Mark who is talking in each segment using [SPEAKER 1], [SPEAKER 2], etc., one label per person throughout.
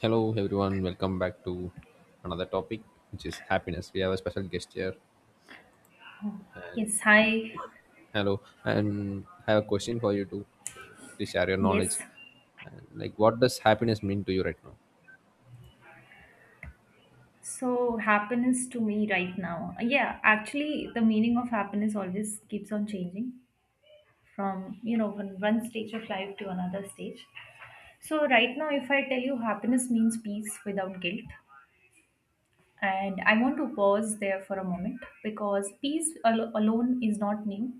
[SPEAKER 1] Hello, everyone. Welcome back to another topic, which is happiness. We have a special guest here.
[SPEAKER 2] Yes, hi.
[SPEAKER 1] Hello, and I have a question for you too. So please share your knowledge.
[SPEAKER 2] Yes.
[SPEAKER 1] And like, what does happiness mean to you right now?
[SPEAKER 2] So happiness to me right now. Yeah, actually the meaning of happiness always keeps on changing from, from one stage of life to another stage. So right now if I tell you happiness means peace without guilt, and I want to pause there for a moment because alone is not new.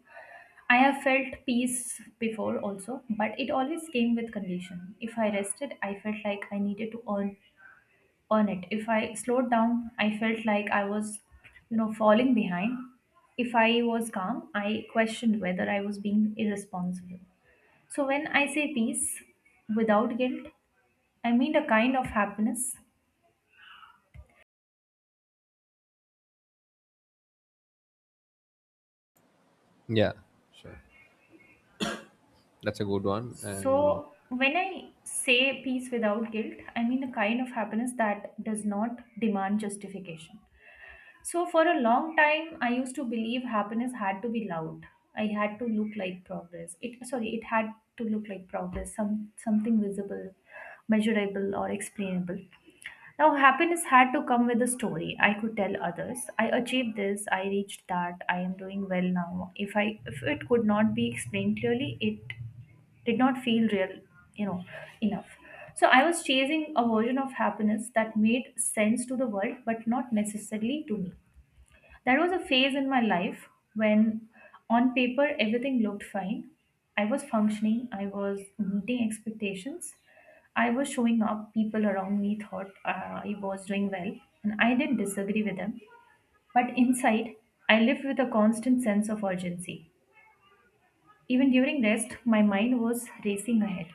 [SPEAKER 2] I have felt peace before also, but it always came with condition. If I rested, I felt like I needed to earn on it. If I slowed down, I felt like I was, falling behind. If I was calm, I questioned whether I was being irresponsible. So when I say peace without guilt, I mean a kind of happiness.
[SPEAKER 1] Yeah, sure. That's a good one, and
[SPEAKER 2] So when I say peace without guilt, I mean a kind of happiness that does not demand justification. So, for a long time, I used to believe happiness had to be loud. I had to look like progress. It had to look like progress, something visible, measurable, or explainable. Now, happiness had to come with a story. I could tell others, I achieved this, I reached that, I am doing well now. If it could not be explained clearly, it did not feel real, you know, enough. So I was chasing a version of happiness that made sense to the world, but not necessarily to me. There was a phase in my life when, on paper, everything looked fine. I was functioning, I was meeting expectations, I was showing up. People around me thought I was doing well, and I didn't disagree with them. But inside, I lived with a constant sense of urgency. Even during rest, my mind was racing ahead.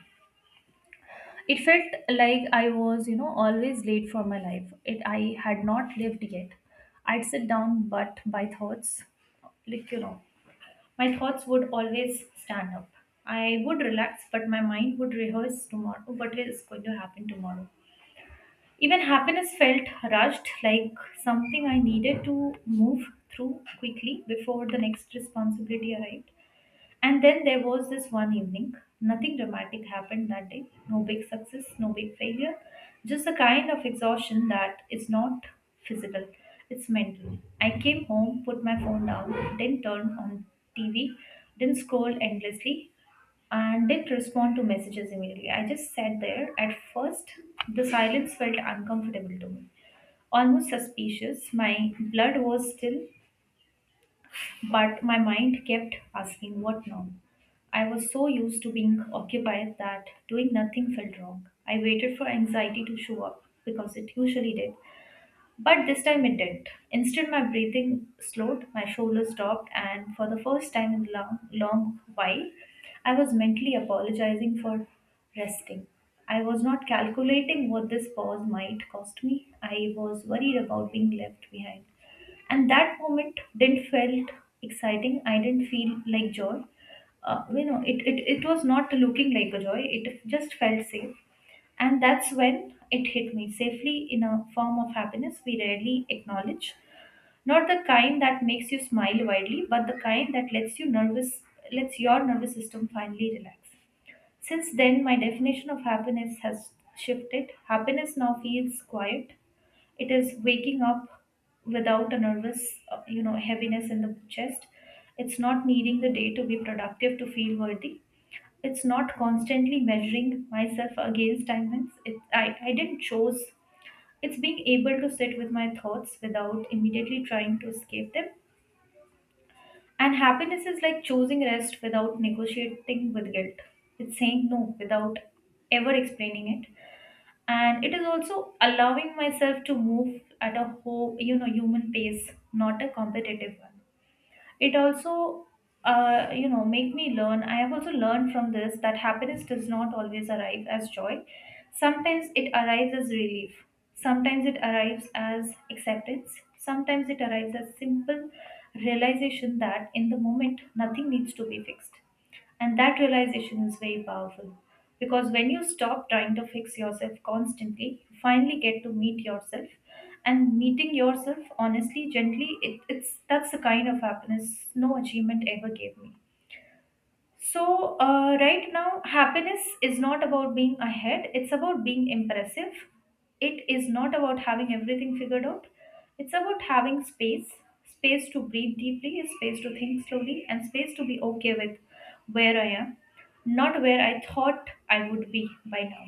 [SPEAKER 2] It felt like I was, always late for my life. It I had not lived yet. I'd sit down, but by thoughts, like you know my thoughts would always stand up. I would relax, but my mind would rehearse tomorrow what is going to happen tomorrow. Even happiness felt rushed, like something I needed to move through quickly before the next responsibility arrived. And then there was this one evening. Nothing dramatic happened that day. No big success, no big failure. Just the kind of exhaustion that is not physical, it's mental. I came home, put my phone down, didn't turn on TV, didn't scroll endlessly, and didn't respond to messages immediately. I just sat there. At first, the silence felt uncomfortable to me, almost suspicious. My blood was still but my mind kept asking what now. I was so used to being occupied that doing nothing felt wrong. I waited for anxiety to show up because it usually did. But this time it didn't. Instead, my breathing slowed, my shoulders dropped, and for the first time in a long, long while, I was mentally apologizing for resting. I was not calculating what this pause might cost me. I was worried about being left behind, and that moment didn't felt exciting. I didn't feel like joy. It was not looking like a joy, it just felt safe. And that's when it hit me, safely in a form of happiness we rarely acknowledge, not the kind that makes you smile widely, but the kind that lets your nervous system finally relax. Since then my definition of happiness has shifted. Happiness now feels quiet. It is waking up without a nervous you know heaviness in the chest. It's not needing the day to be productive to feel worthy. It's not constantly measuring myself against timelines I didn't choose. It's being able to sit with my thoughts without immediately trying to escape them, and happiness is like choosing rest without negotiating with guilt. It's saying no without ever explaining it, and it is also allowing myself to move at a whole, human pace, not a competitive one. It also make me learn. I have also learned from this that happiness does not always arrive as joy. Sometimes it arrives as relief, sometimes it arrives as acceptance, sometimes it arrives as simple realization that in the moment nothing needs to be fixed, and that realization is very powerful because when you stop trying to fix yourself constantly, you finally get to meet yourself. And meeting yourself honestly, gently, it, it's that's the kind of happiness no achievement ever gave me. So, right now, happiness is not about being ahead, it's about being impressive. It is not about having everything figured out, it's about having space, space to breathe deeply, space to think slowly, and space to be okay with where I am, not where I thought I would be by now.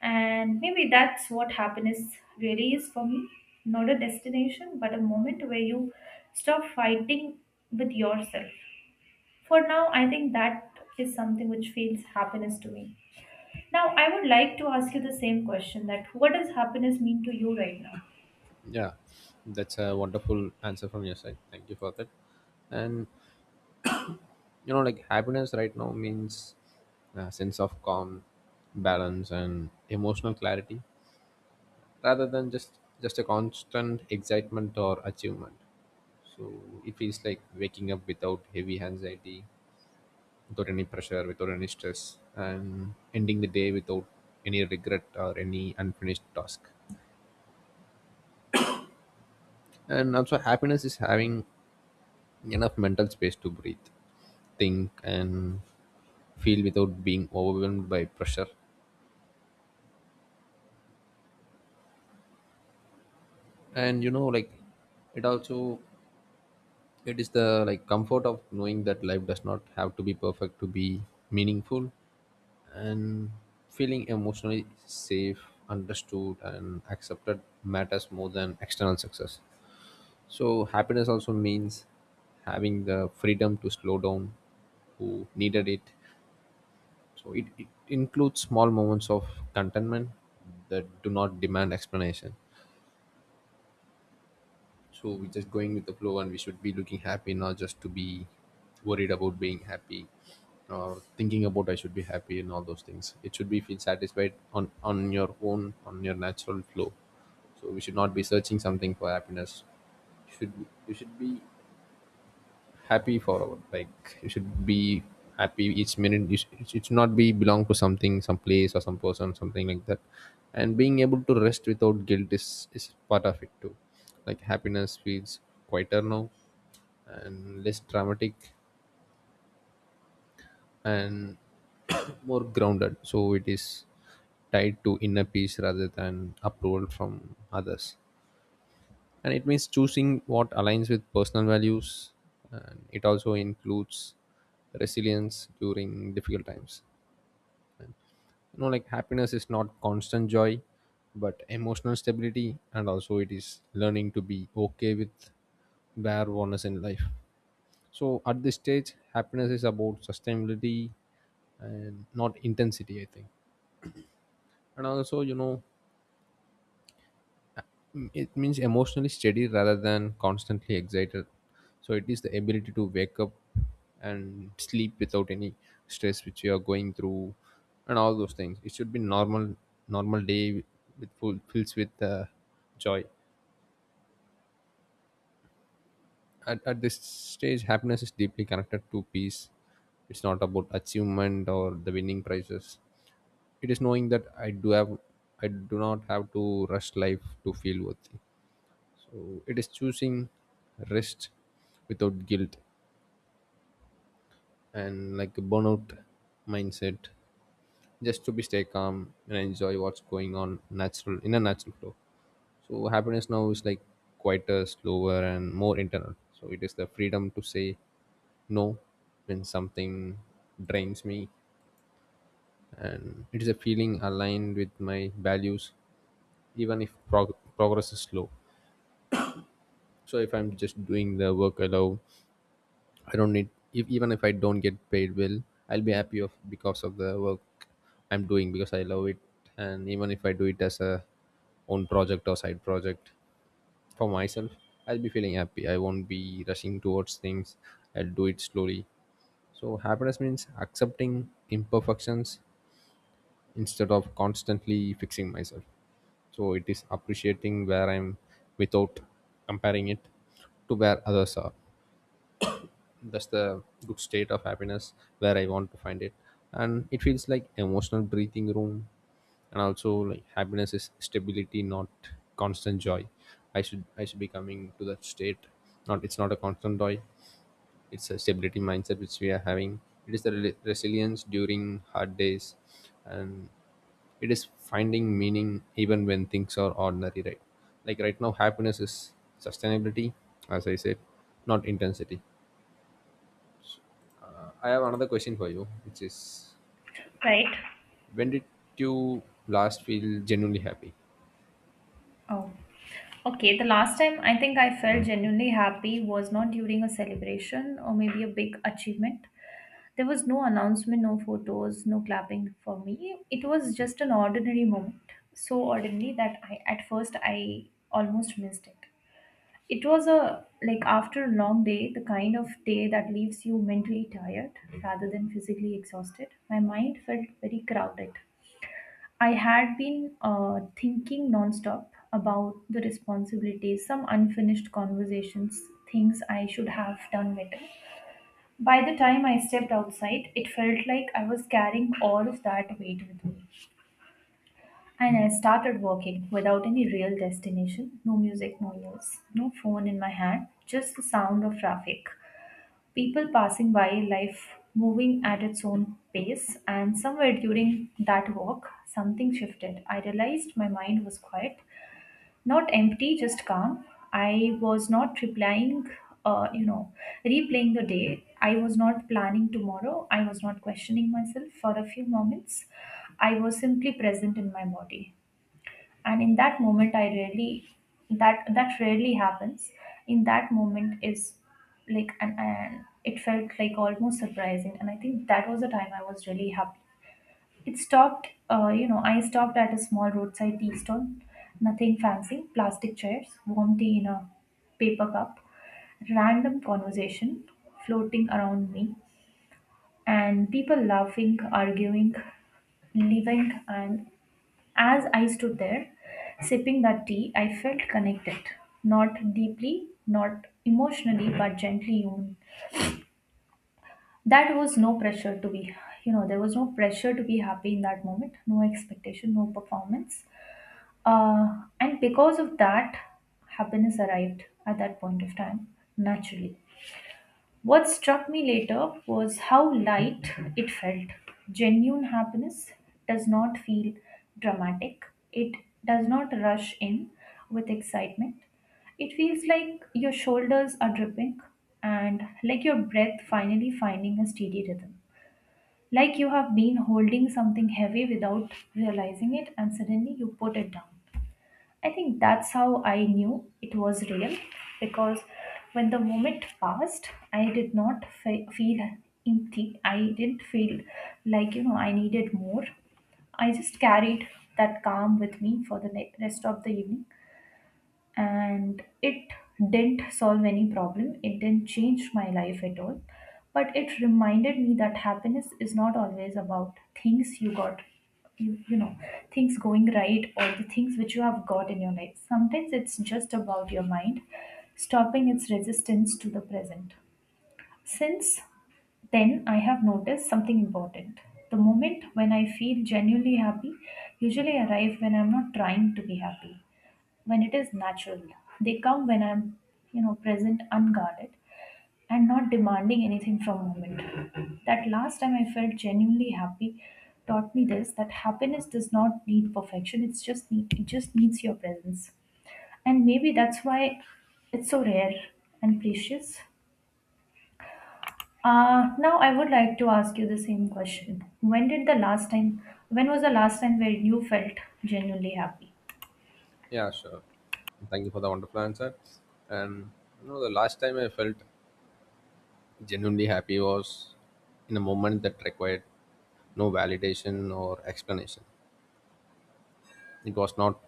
[SPEAKER 2] And maybe that's what happiness really is for me, not a destination, but a moment where you stop fighting with yourself. For now, I think that is something which feels happiness to me. Now, I would like to ask you the same question, that what does happiness mean to you right now?
[SPEAKER 1] yeah, that's a wonderful answer from your side. Thank you for that. And you know, like happiness right now means a sense of calm, balance, and emotional clarity rather than just a constant excitement or achievement. So it feels like waking up without heavy anxiety, without any pressure, without any stress, and ending the day without any regret or any unfinished task. And also, happiness is having enough mental space to breathe, think, and feel without being overwhelmed by pressure. And you know, like, it also, it is the like comfort of knowing that life does not have to be perfect to be meaningful, and feeling emotionally safe, understood, and accepted matters more than external success. So happiness also means having the freedom to slow down who needed it. So it includes small moments of contentment that do not demand explanation. So we're just going with the flow, and we should be looking happy, not just to be worried about being happy or thinking about I should be happy. And all those things, it should be feel satisfied on your own, on your natural flow. So we should not be searching something for happiness. You should, you should be happy forever. Like, you should be happy each minute. It should not be belong to something, some place, or some person, something like that. And being able to rest without guilt is part of it too. Like, happiness feels quieter now and less dramatic and more grounded. So it is tied to inner peace rather than approval from others. And it means choosing what aligns with personal values, and it also includes resilience during difficult times. You know, like, happiness is not constant joy, but emotional stability. And also, it is learning to be okay with where one is in life. So at this stage, happiness is about sustainability and not intensity, I think. And also, you know, mm, it means emotionally steady rather than constantly excited. So it is the ability to wake up and sleep without any stress which you are going through, and all those things. It should be normal, normal day with full fills with joy. At this stage, happiness is deeply connected to peace. It's not about achievement or the winning prizes. It is knowing that I do not have to rush life to feel worthy. So it is choosing rest without guilt, and like a burnout mindset, just to be stay calm and enjoy what's going on natural, in a natural flow. So happiness now is like quieter, slower, and more internal. So it is the freedom to say no when something drains me, and it is a feeling aligned with my values even if progress is slow. So if I'm just doing the work I love, I don't need, if even if I don't get paid well, I'll be happy of because of the work I'm doing because I love it. And even if I do it as a own project or side project for myself, I'll be feeling happy. I won't be rushing towards things. I'll do it slowly. So happiness means accepting imperfections instead of constantly fixing myself. So it is appreciating where I'm without comparing it to where others are. That's the good state of happiness, where I want to find it. And it feels like emotional breathing room. And also, like, happiness is stability, not constant joy. I should be coming to that state. Not, it's not a constant joy. It's a stability mindset which we are having. It is the resilience during hard days, and it is finding meaning even when things are ordinary, right? Like, right now, happiness is sustainability, as I said, not intensity. I have another question for you, which is,
[SPEAKER 2] Right.
[SPEAKER 1] when did you last feel genuinely happy?
[SPEAKER 2] Oh. Okay, the last time I think I felt genuinely happy was not during a celebration or maybe a big achievement. There was no announcement, no photos, no clapping for me. It was just an ordinary moment. So ordinary that I at first I almost missed it. It was a like after a long day, the kind of day that leaves you mentally tired rather than physically exhausted. My mind felt very crowded. I had been thinking nonstop about the responsibilities, some unfinished conversations, things I should have done better. By the time I stepped outside, it felt like I was carrying all of that weight with me. And I started walking without any real destination, no music, no news, no phone in my hand, just the sound of traffic. People passing by, life moving at its own pace, and somewhere during that walk, something shifted. I realized my mind was quiet, not empty, just calm. I was not replying, you know, replaying the day. I was not planning tomorrow. I was not questioning myself for a few moments. I was simply present in my body, and in that moment I really that rarely happens. In that moment is like And, it felt like almost surprising, and I think that was the time I was really happy. It stopped you know I stopped at a small roadside tea stall. Nothing fancy, plastic chairs, warm tea in a paper cup, random conversation floating around me, and people laughing, arguing, living. And as I stood there, sipping that tea, I felt connected. Not deeply, not emotionally, but gently human. That was no pressure to be, you know, There was no pressure to be happy in that moment, no expectation, no performance. And because of that, happiness arrived at that point of time naturally. What struck me later was how light it felt. Genuine happiness does not feel dramatic, it does not rush in with excitement. It feels like your shoulders are dripping, and like your breath finally finding a steady rhythm. Like you have been holding something heavy without realizing it, and suddenly you put it down. I think that's how I knew it was real, because when the moment passed, I did not fe- feel empty. I didn't feel like, I needed more. I just carried that calm with me for rest of the evening, and it didn't solve any problem, it didn't change my life at all, but it reminded me that happiness is not always about things you got. you, you know Things going right or the things which you have got in your life, sometimes it's just about your mind stopping its resistance to the present. Since then, I have noticed something important. The moment when I feel genuinely happy usually arrive when I'm not trying to be happy, when it is natural. They come when I'm, present, unguarded, and not demanding anything from moment. That last time I felt genuinely happy taught me this, that happiness does not need perfection. It just needs your presence, and maybe that's why it's so rare and precious. Now I would like to ask you the same question. When did the last time? When was the last time where you felt genuinely happy?
[SPEAKER 1] Yeah, sure. Thank you for the wonderful answer. And you know, the last time I felt genuinely happy was in a moment that required no validation or explanation. It was not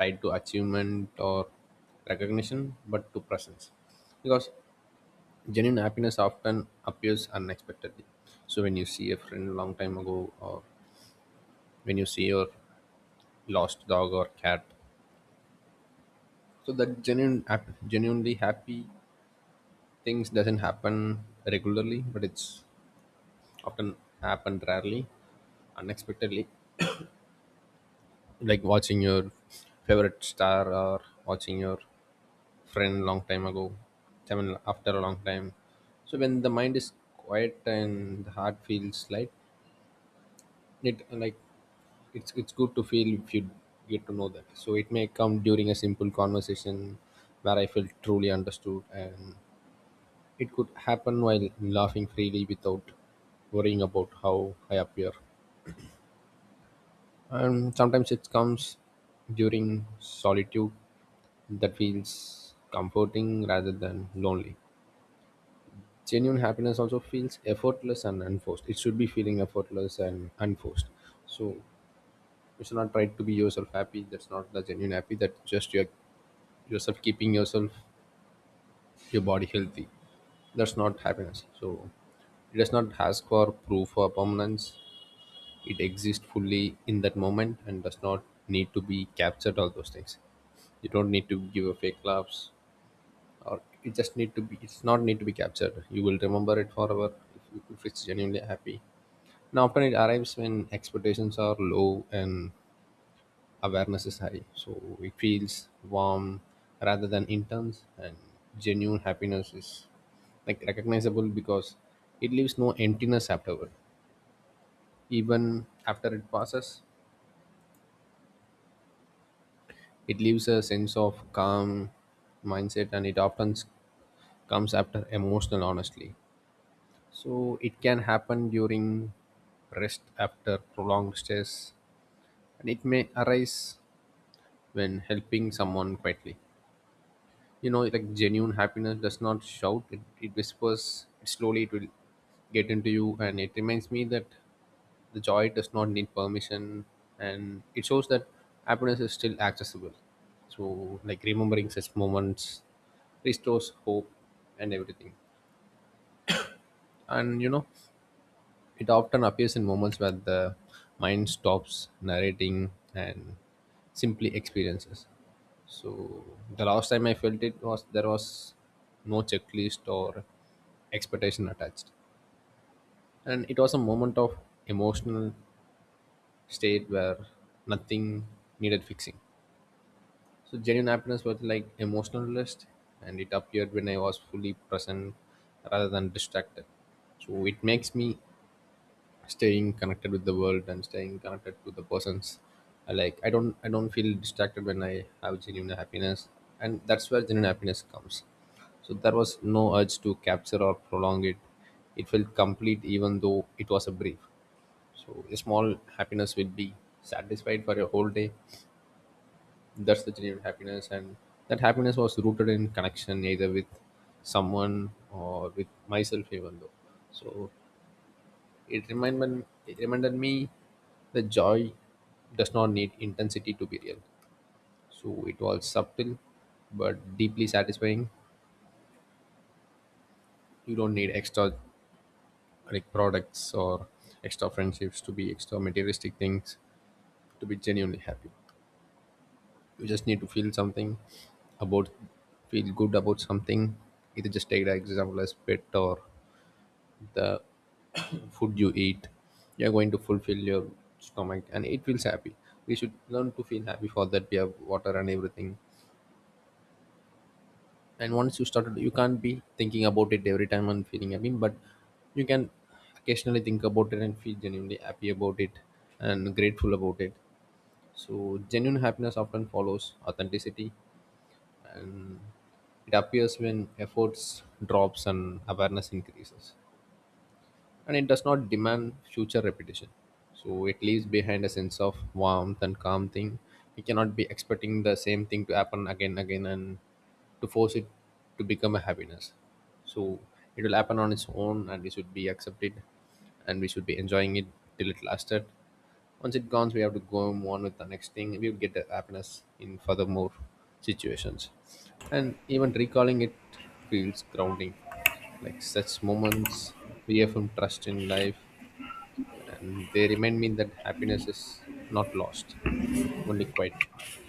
[SPEAKER 1] tied to achievement or recognition, but to presence. Because genuine happiness often appears unexpectedly. So when you see a friend a long time ago, or when you see your lost dog or cat, so that genuinely happy things doesn't happen regularly, but it's often happened rarely, unexpectedly, like watching your favorite star or watching your friend long time ago, I mean, after a long time. So when the mind is quiet and the heart feels light, it like, it's good to feel if you get to know that. So it may come during a simple conversation where I felt truly understood. And it could happen while laughing freely without worrying about how I appear. And sometimes it comes during solitude that feels comforting rather than lonely. Genuine happiness also feels effortless and unforced. It should be feeling effortless and unforced. So you should not try to be yourself happy. That's not the genuine happy. That's just your yourself keeping yourself your body healthy. That's not happiness. So it does not ask for proof or permanence. It exists fully in that moment and does not need to be captured. All those things, you don't need to give a fake laughs, or it just need to be, it's not need to be captured. You will remember it forever if it's genuinely happy. Now, often it arrives when expectations are low and awareness is high. So it feels warm rather than intense. And genuine happiness is like recognizable because it leaves no emptiness afterward, even after it passes. It leaves a sense of calm mindset, and it often comes after emotional honestly. So it can happen during rest after prolonged stress, and it may arise when helping someone quietly. You know, like, genuine happiness does not shout, it whispers. Slowly, it will get into you, and it reminds me that the joy does not need permission, and it shows that happiness is still accessible. So, like, remembering such moments restores hope and everything. And you know, it often appears in moments where the mind stops narrating and simply experiences. So the last time I felt it, was there was no checklist or expectation attached, and it was a moment of emotional state where nothing needed fixing. So genuine happiness was like emotional rest, and it appeared when I was fully present rather than distracted. So it makes me staying connected with the world and staying connected to the persons I like. I don't feel distracted when I have genuine happiness, and that's where genuine happiness comes. So there was no urge to capture or prolong it. It felt complete even though it was a brief. So a small happiness will be satisfied for a whole day. That's the genuine happiness. And that happiness was rooted in connection either with someone or with myself, even though. So it reminded me that joy does not need intensity to be real. So it was subtle but deeply satisfying. You don't need extra, like, products or extra friendships to be extra materialistic things to be genuinely happy. You just need to feel something about, feel good about something. Either just take the example as pet or the food you eat. You're going to fulfill your stomach and it feels happy. We should learn to feel happy for that we have water and everything. And once you started, you can't be thinking about it every time and feeling happy, but you can occasionally think about it and feel genuinely happy about it and grateful about it. So genuine happiness often follows authenticity, and it appears when efforts drops and awareness increases, and it does not demand future repetition. So it leaves behind a sense of warmth and calm thing. We cannot be expecting the same thing to happen again again, and to force it to become a happiness. So it will happen on its own, and it should be accepted, and we should be enjoying it till it lasted. Once it gone, we have to go on with the next thing. We will get the happiness in furthermore situations, and even recalling it feels grounding. Like, such moments reaffirm trust in life, and they remind me that happiness is not lost, only quite.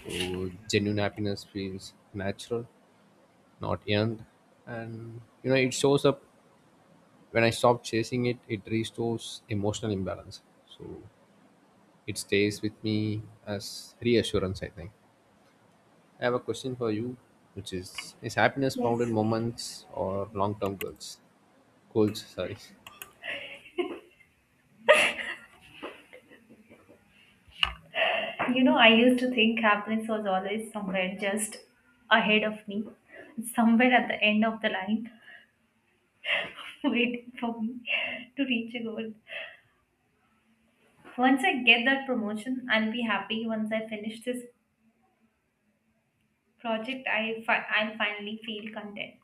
[SPEAKER 1] So genuine happiness feels natural, not earned, and you know, it shows up when I stop chasing it. It restores emotional imbalance. So it stays with me as reassurance, I think. I have a question for you, which is happiness found in
[SPEAKER 2] Yes.
[SPEAKER 1] moments or long term goals? Goals, sorry.
[SPEAKER 2] You know, I used to think happiness was always somewhere just ahead of me, somewhere at the end of the line, waiting for me to reach a goal. Once I get that promotion, I'll be happy. Once I finish this project, I'll finally feel content.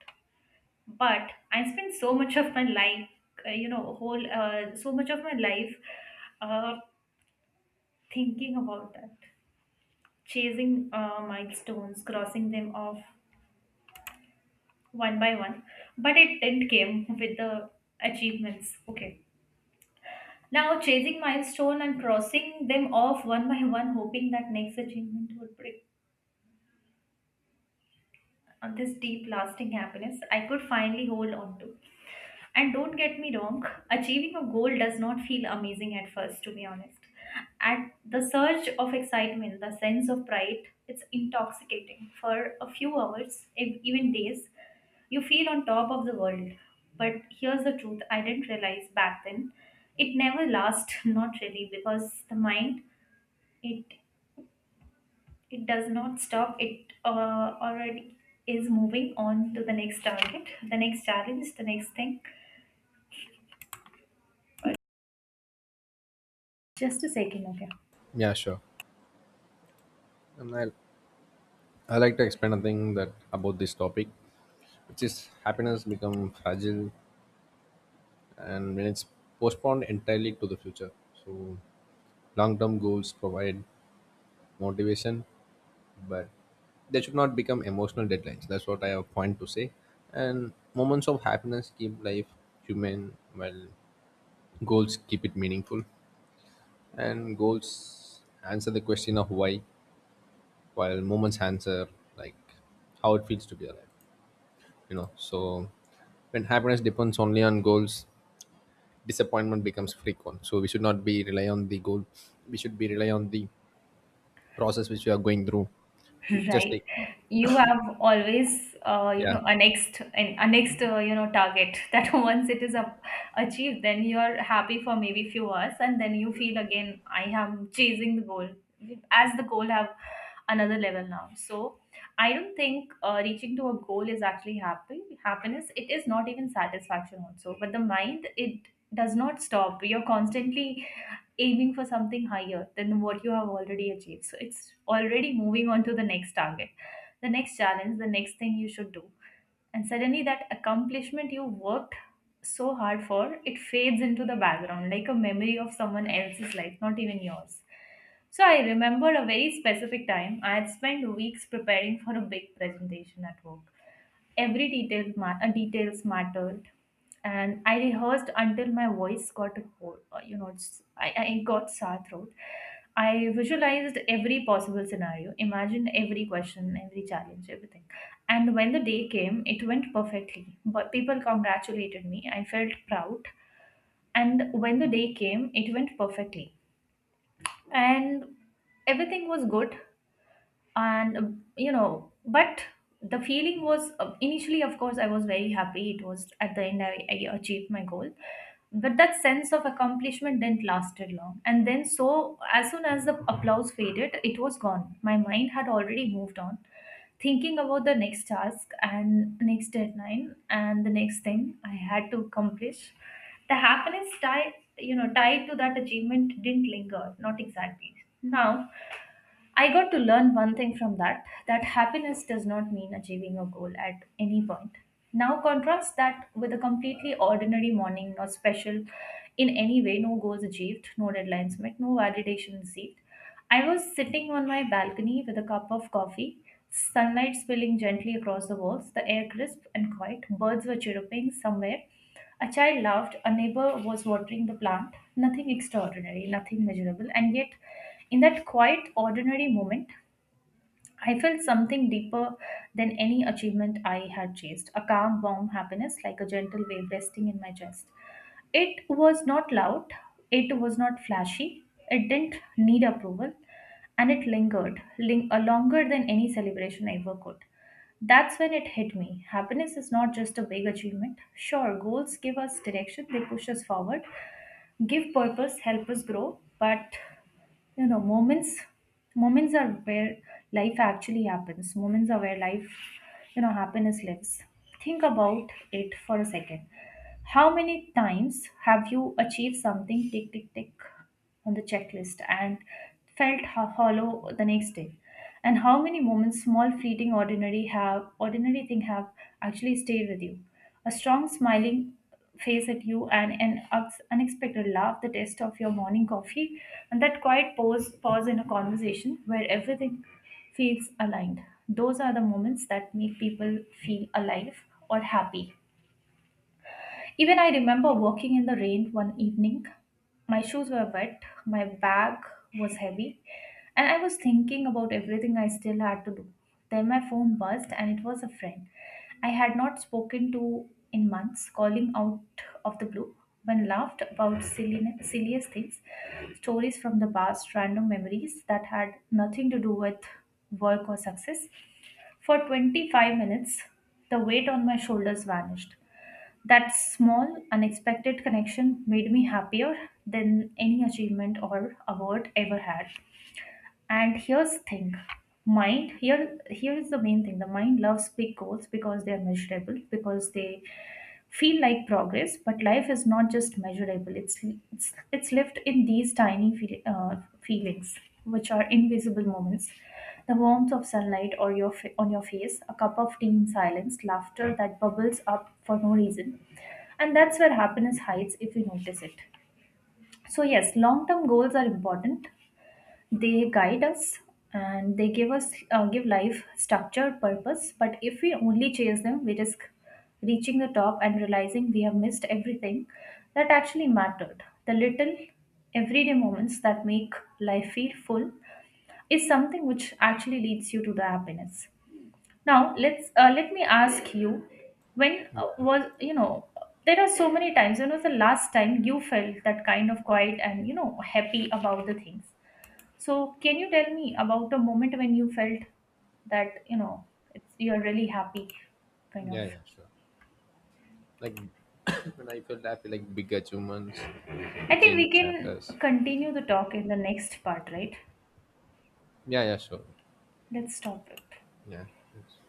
[SPEAKER 2] But I spent so much of my life, you know, whole so much of my life uh, thinking about that, chasing milestones, crossing them off one by one, but it didn't came with the achievements. Okay, now chasing milestone and crossing them off one by one, hoping that next achievement would bring on this deep lasting happiness I could finally hold on to. And don't get me wrong, achieving a goal does not feel amazing at first, to be honest. At the surge of excitement, the sense of pride, it's intoxicating. For a few hours, even days, you feel on top of the world. But here's the truth I didn't realize back then. It never lasts, not really, because the mind, it it does not stop. It already is moving on to the next target, the next challenge, the next thing. Just a second, okay.
[SPEAKER 1] Yeah, sure. And I like to explain a thing that about this topic, which is happiness become fragile and when it's postponed entirely to the future. So long-term goals provide motivation, but they should not become emotional deadlines. That's what I have point to say. And moments of happiness keep life human, while goals keep it meaningful. And goals answer the question of why, while moments answer like how it feels to be alive. You know, so when happiness depends only on goals, disappointment becomes frequent. So we should not be rely on the goal. We should be rely on the process which we are going through. It- Just
[SPEAKER 2] Right,
[SPEAKER 1] like
[SPEAKER 2] you have always
[SPEAKER 1] yeah,
[SPEAKER 2] a next an a next you know target that once it is up, achieved, then you are happy for maybe few hours and then you feel again I am chasing the goal as the goal have another level now. So I don't think reaching to a goal is actually happy happiness. It is not even satisfaction also, but the mind, it does not stop. You're constantly aiming for something higher than what you have already achieved. So it's already moving on to the next target, the next challenge, the next thing you should do. And suddenly that accomplishment you worked so hard for, it fades into the background like a memory of someone else's life, not even yours. So I remember a very specific time. I had spent weeks preparing for a big presentation at work. Every details mattered, and I rehearsed until my voice got a whole, it's, I got sore throat. I visualized every possible scenario, imagined every question, every challenge, everything. And when the day came, it went perfectly. But people congratulated me. I felt proud. And when the day came, it went perfectly and everything was good and but the feeling was initially, of course, I was very happy. It was at the end I achieved my goal, but that sense of accomplishment didn't lasted long. And then, so as soon as the applause faded, it was gone. My mind had already moved on, thinking about the next task and next deadline and the next thing I had to accomplish. The happiness tied, tied to that achievement, didn't linger, not exactly. Now I got to learn one thing from that, that happiness does not mean achieving a goal at any point. Now, contrast that with a completely ordinary morning, not special in any way, no goals achieved, no deadlines met, no validation received. I was sitting on my balcony with a cup of coffee, sunlight spilling gently across the walls, the air crisp and quiet, birds were chirping somewhere, a child laughed, a neighbor was watering the plant. Nothing extraordinary, nothing measurable, and yet, in that quiet, ordinary moment, I felt something deeper than any achievement I had chased, a calm, warm happiness, like a gentle wave resting in my chest. It was not loud, it was not flashy, it didn't need approval, and it longer than any celebration ever could. That's when it hit me. Happiness is not just a big achievement. Sure, goals give us direction, they push us forward, give purpose, help us grow, but moments, moments are where life actually happens. Moments are where life you know happiness lives. Think about it for a second. How many times have you achieved something, tick tick tick on the checklist, and felt hollow the next day? And how many moments, small, fleeting, ordinary, have ordinary thing have actually stayed with you? A strong smiling face at you and an unexpected laugh, the taste of your morning coffee, and that pause in a conversation where everything feels aligned. Those are the moments that make people feel alive or happy. Even I remember walking in the rain one evening. My shoes were wet, my bag was heavy, and I was thinking about everything I still had to do. Then my phone buzzed, and it was a friend I had not spoken to in months, calling out of the blue. One laughed about silliest things, stories from the past, random memories that had nothing to do with work or success. For 25 minutes, the weight on my shoulders vanished. That small, unexpected connection made me happier than any achievement or award ever had. And here's the thing, mind here here is the main thing. The mind loves big goals because they are measurable, because they feel like progress. But life is not just measurable. It's lived in these tiny feelings, which are invisible moments. The warmth of sunlight or your on your face, a cup of tea in silence, laughter that bubbles up for no reason, and that's where happiness hides if you notice it. So, yes, long term goals are important, they guide us and they give us, give life structure, purpose, but if we only chase them we risk reaching the top and realizing we have missed everything that actually mattered. The little everyday moments that make life feel full is something which actually leads you to the happiness. Now let me ask you, when
[SPEAKER 1] yeah,
[SPEAKER 2] was you know there are so many times, when was the last time you felt that kind of quiet and, happy about the things? So, can you tell me about a moment when you felt that you know it's you're really happy, kind of?
[SPEAKER 1] yeah, sure. Like, when I feel like big achievements, like
[SPEAKER 2] I
[SPEAKER 1] it
[SPEAKER 2] think we
[SPEAKER 1] changed
[SPEAKER 2] can
[SPEAKER 1] chapters.
[SPEAKER 2] continue the talk in the next part, right?
[SPEAKER 1] Yeah, yeah, sure.
[SPEAKER 2] Let's stop it.
[SPEAKER 1] Yeah. Thanks.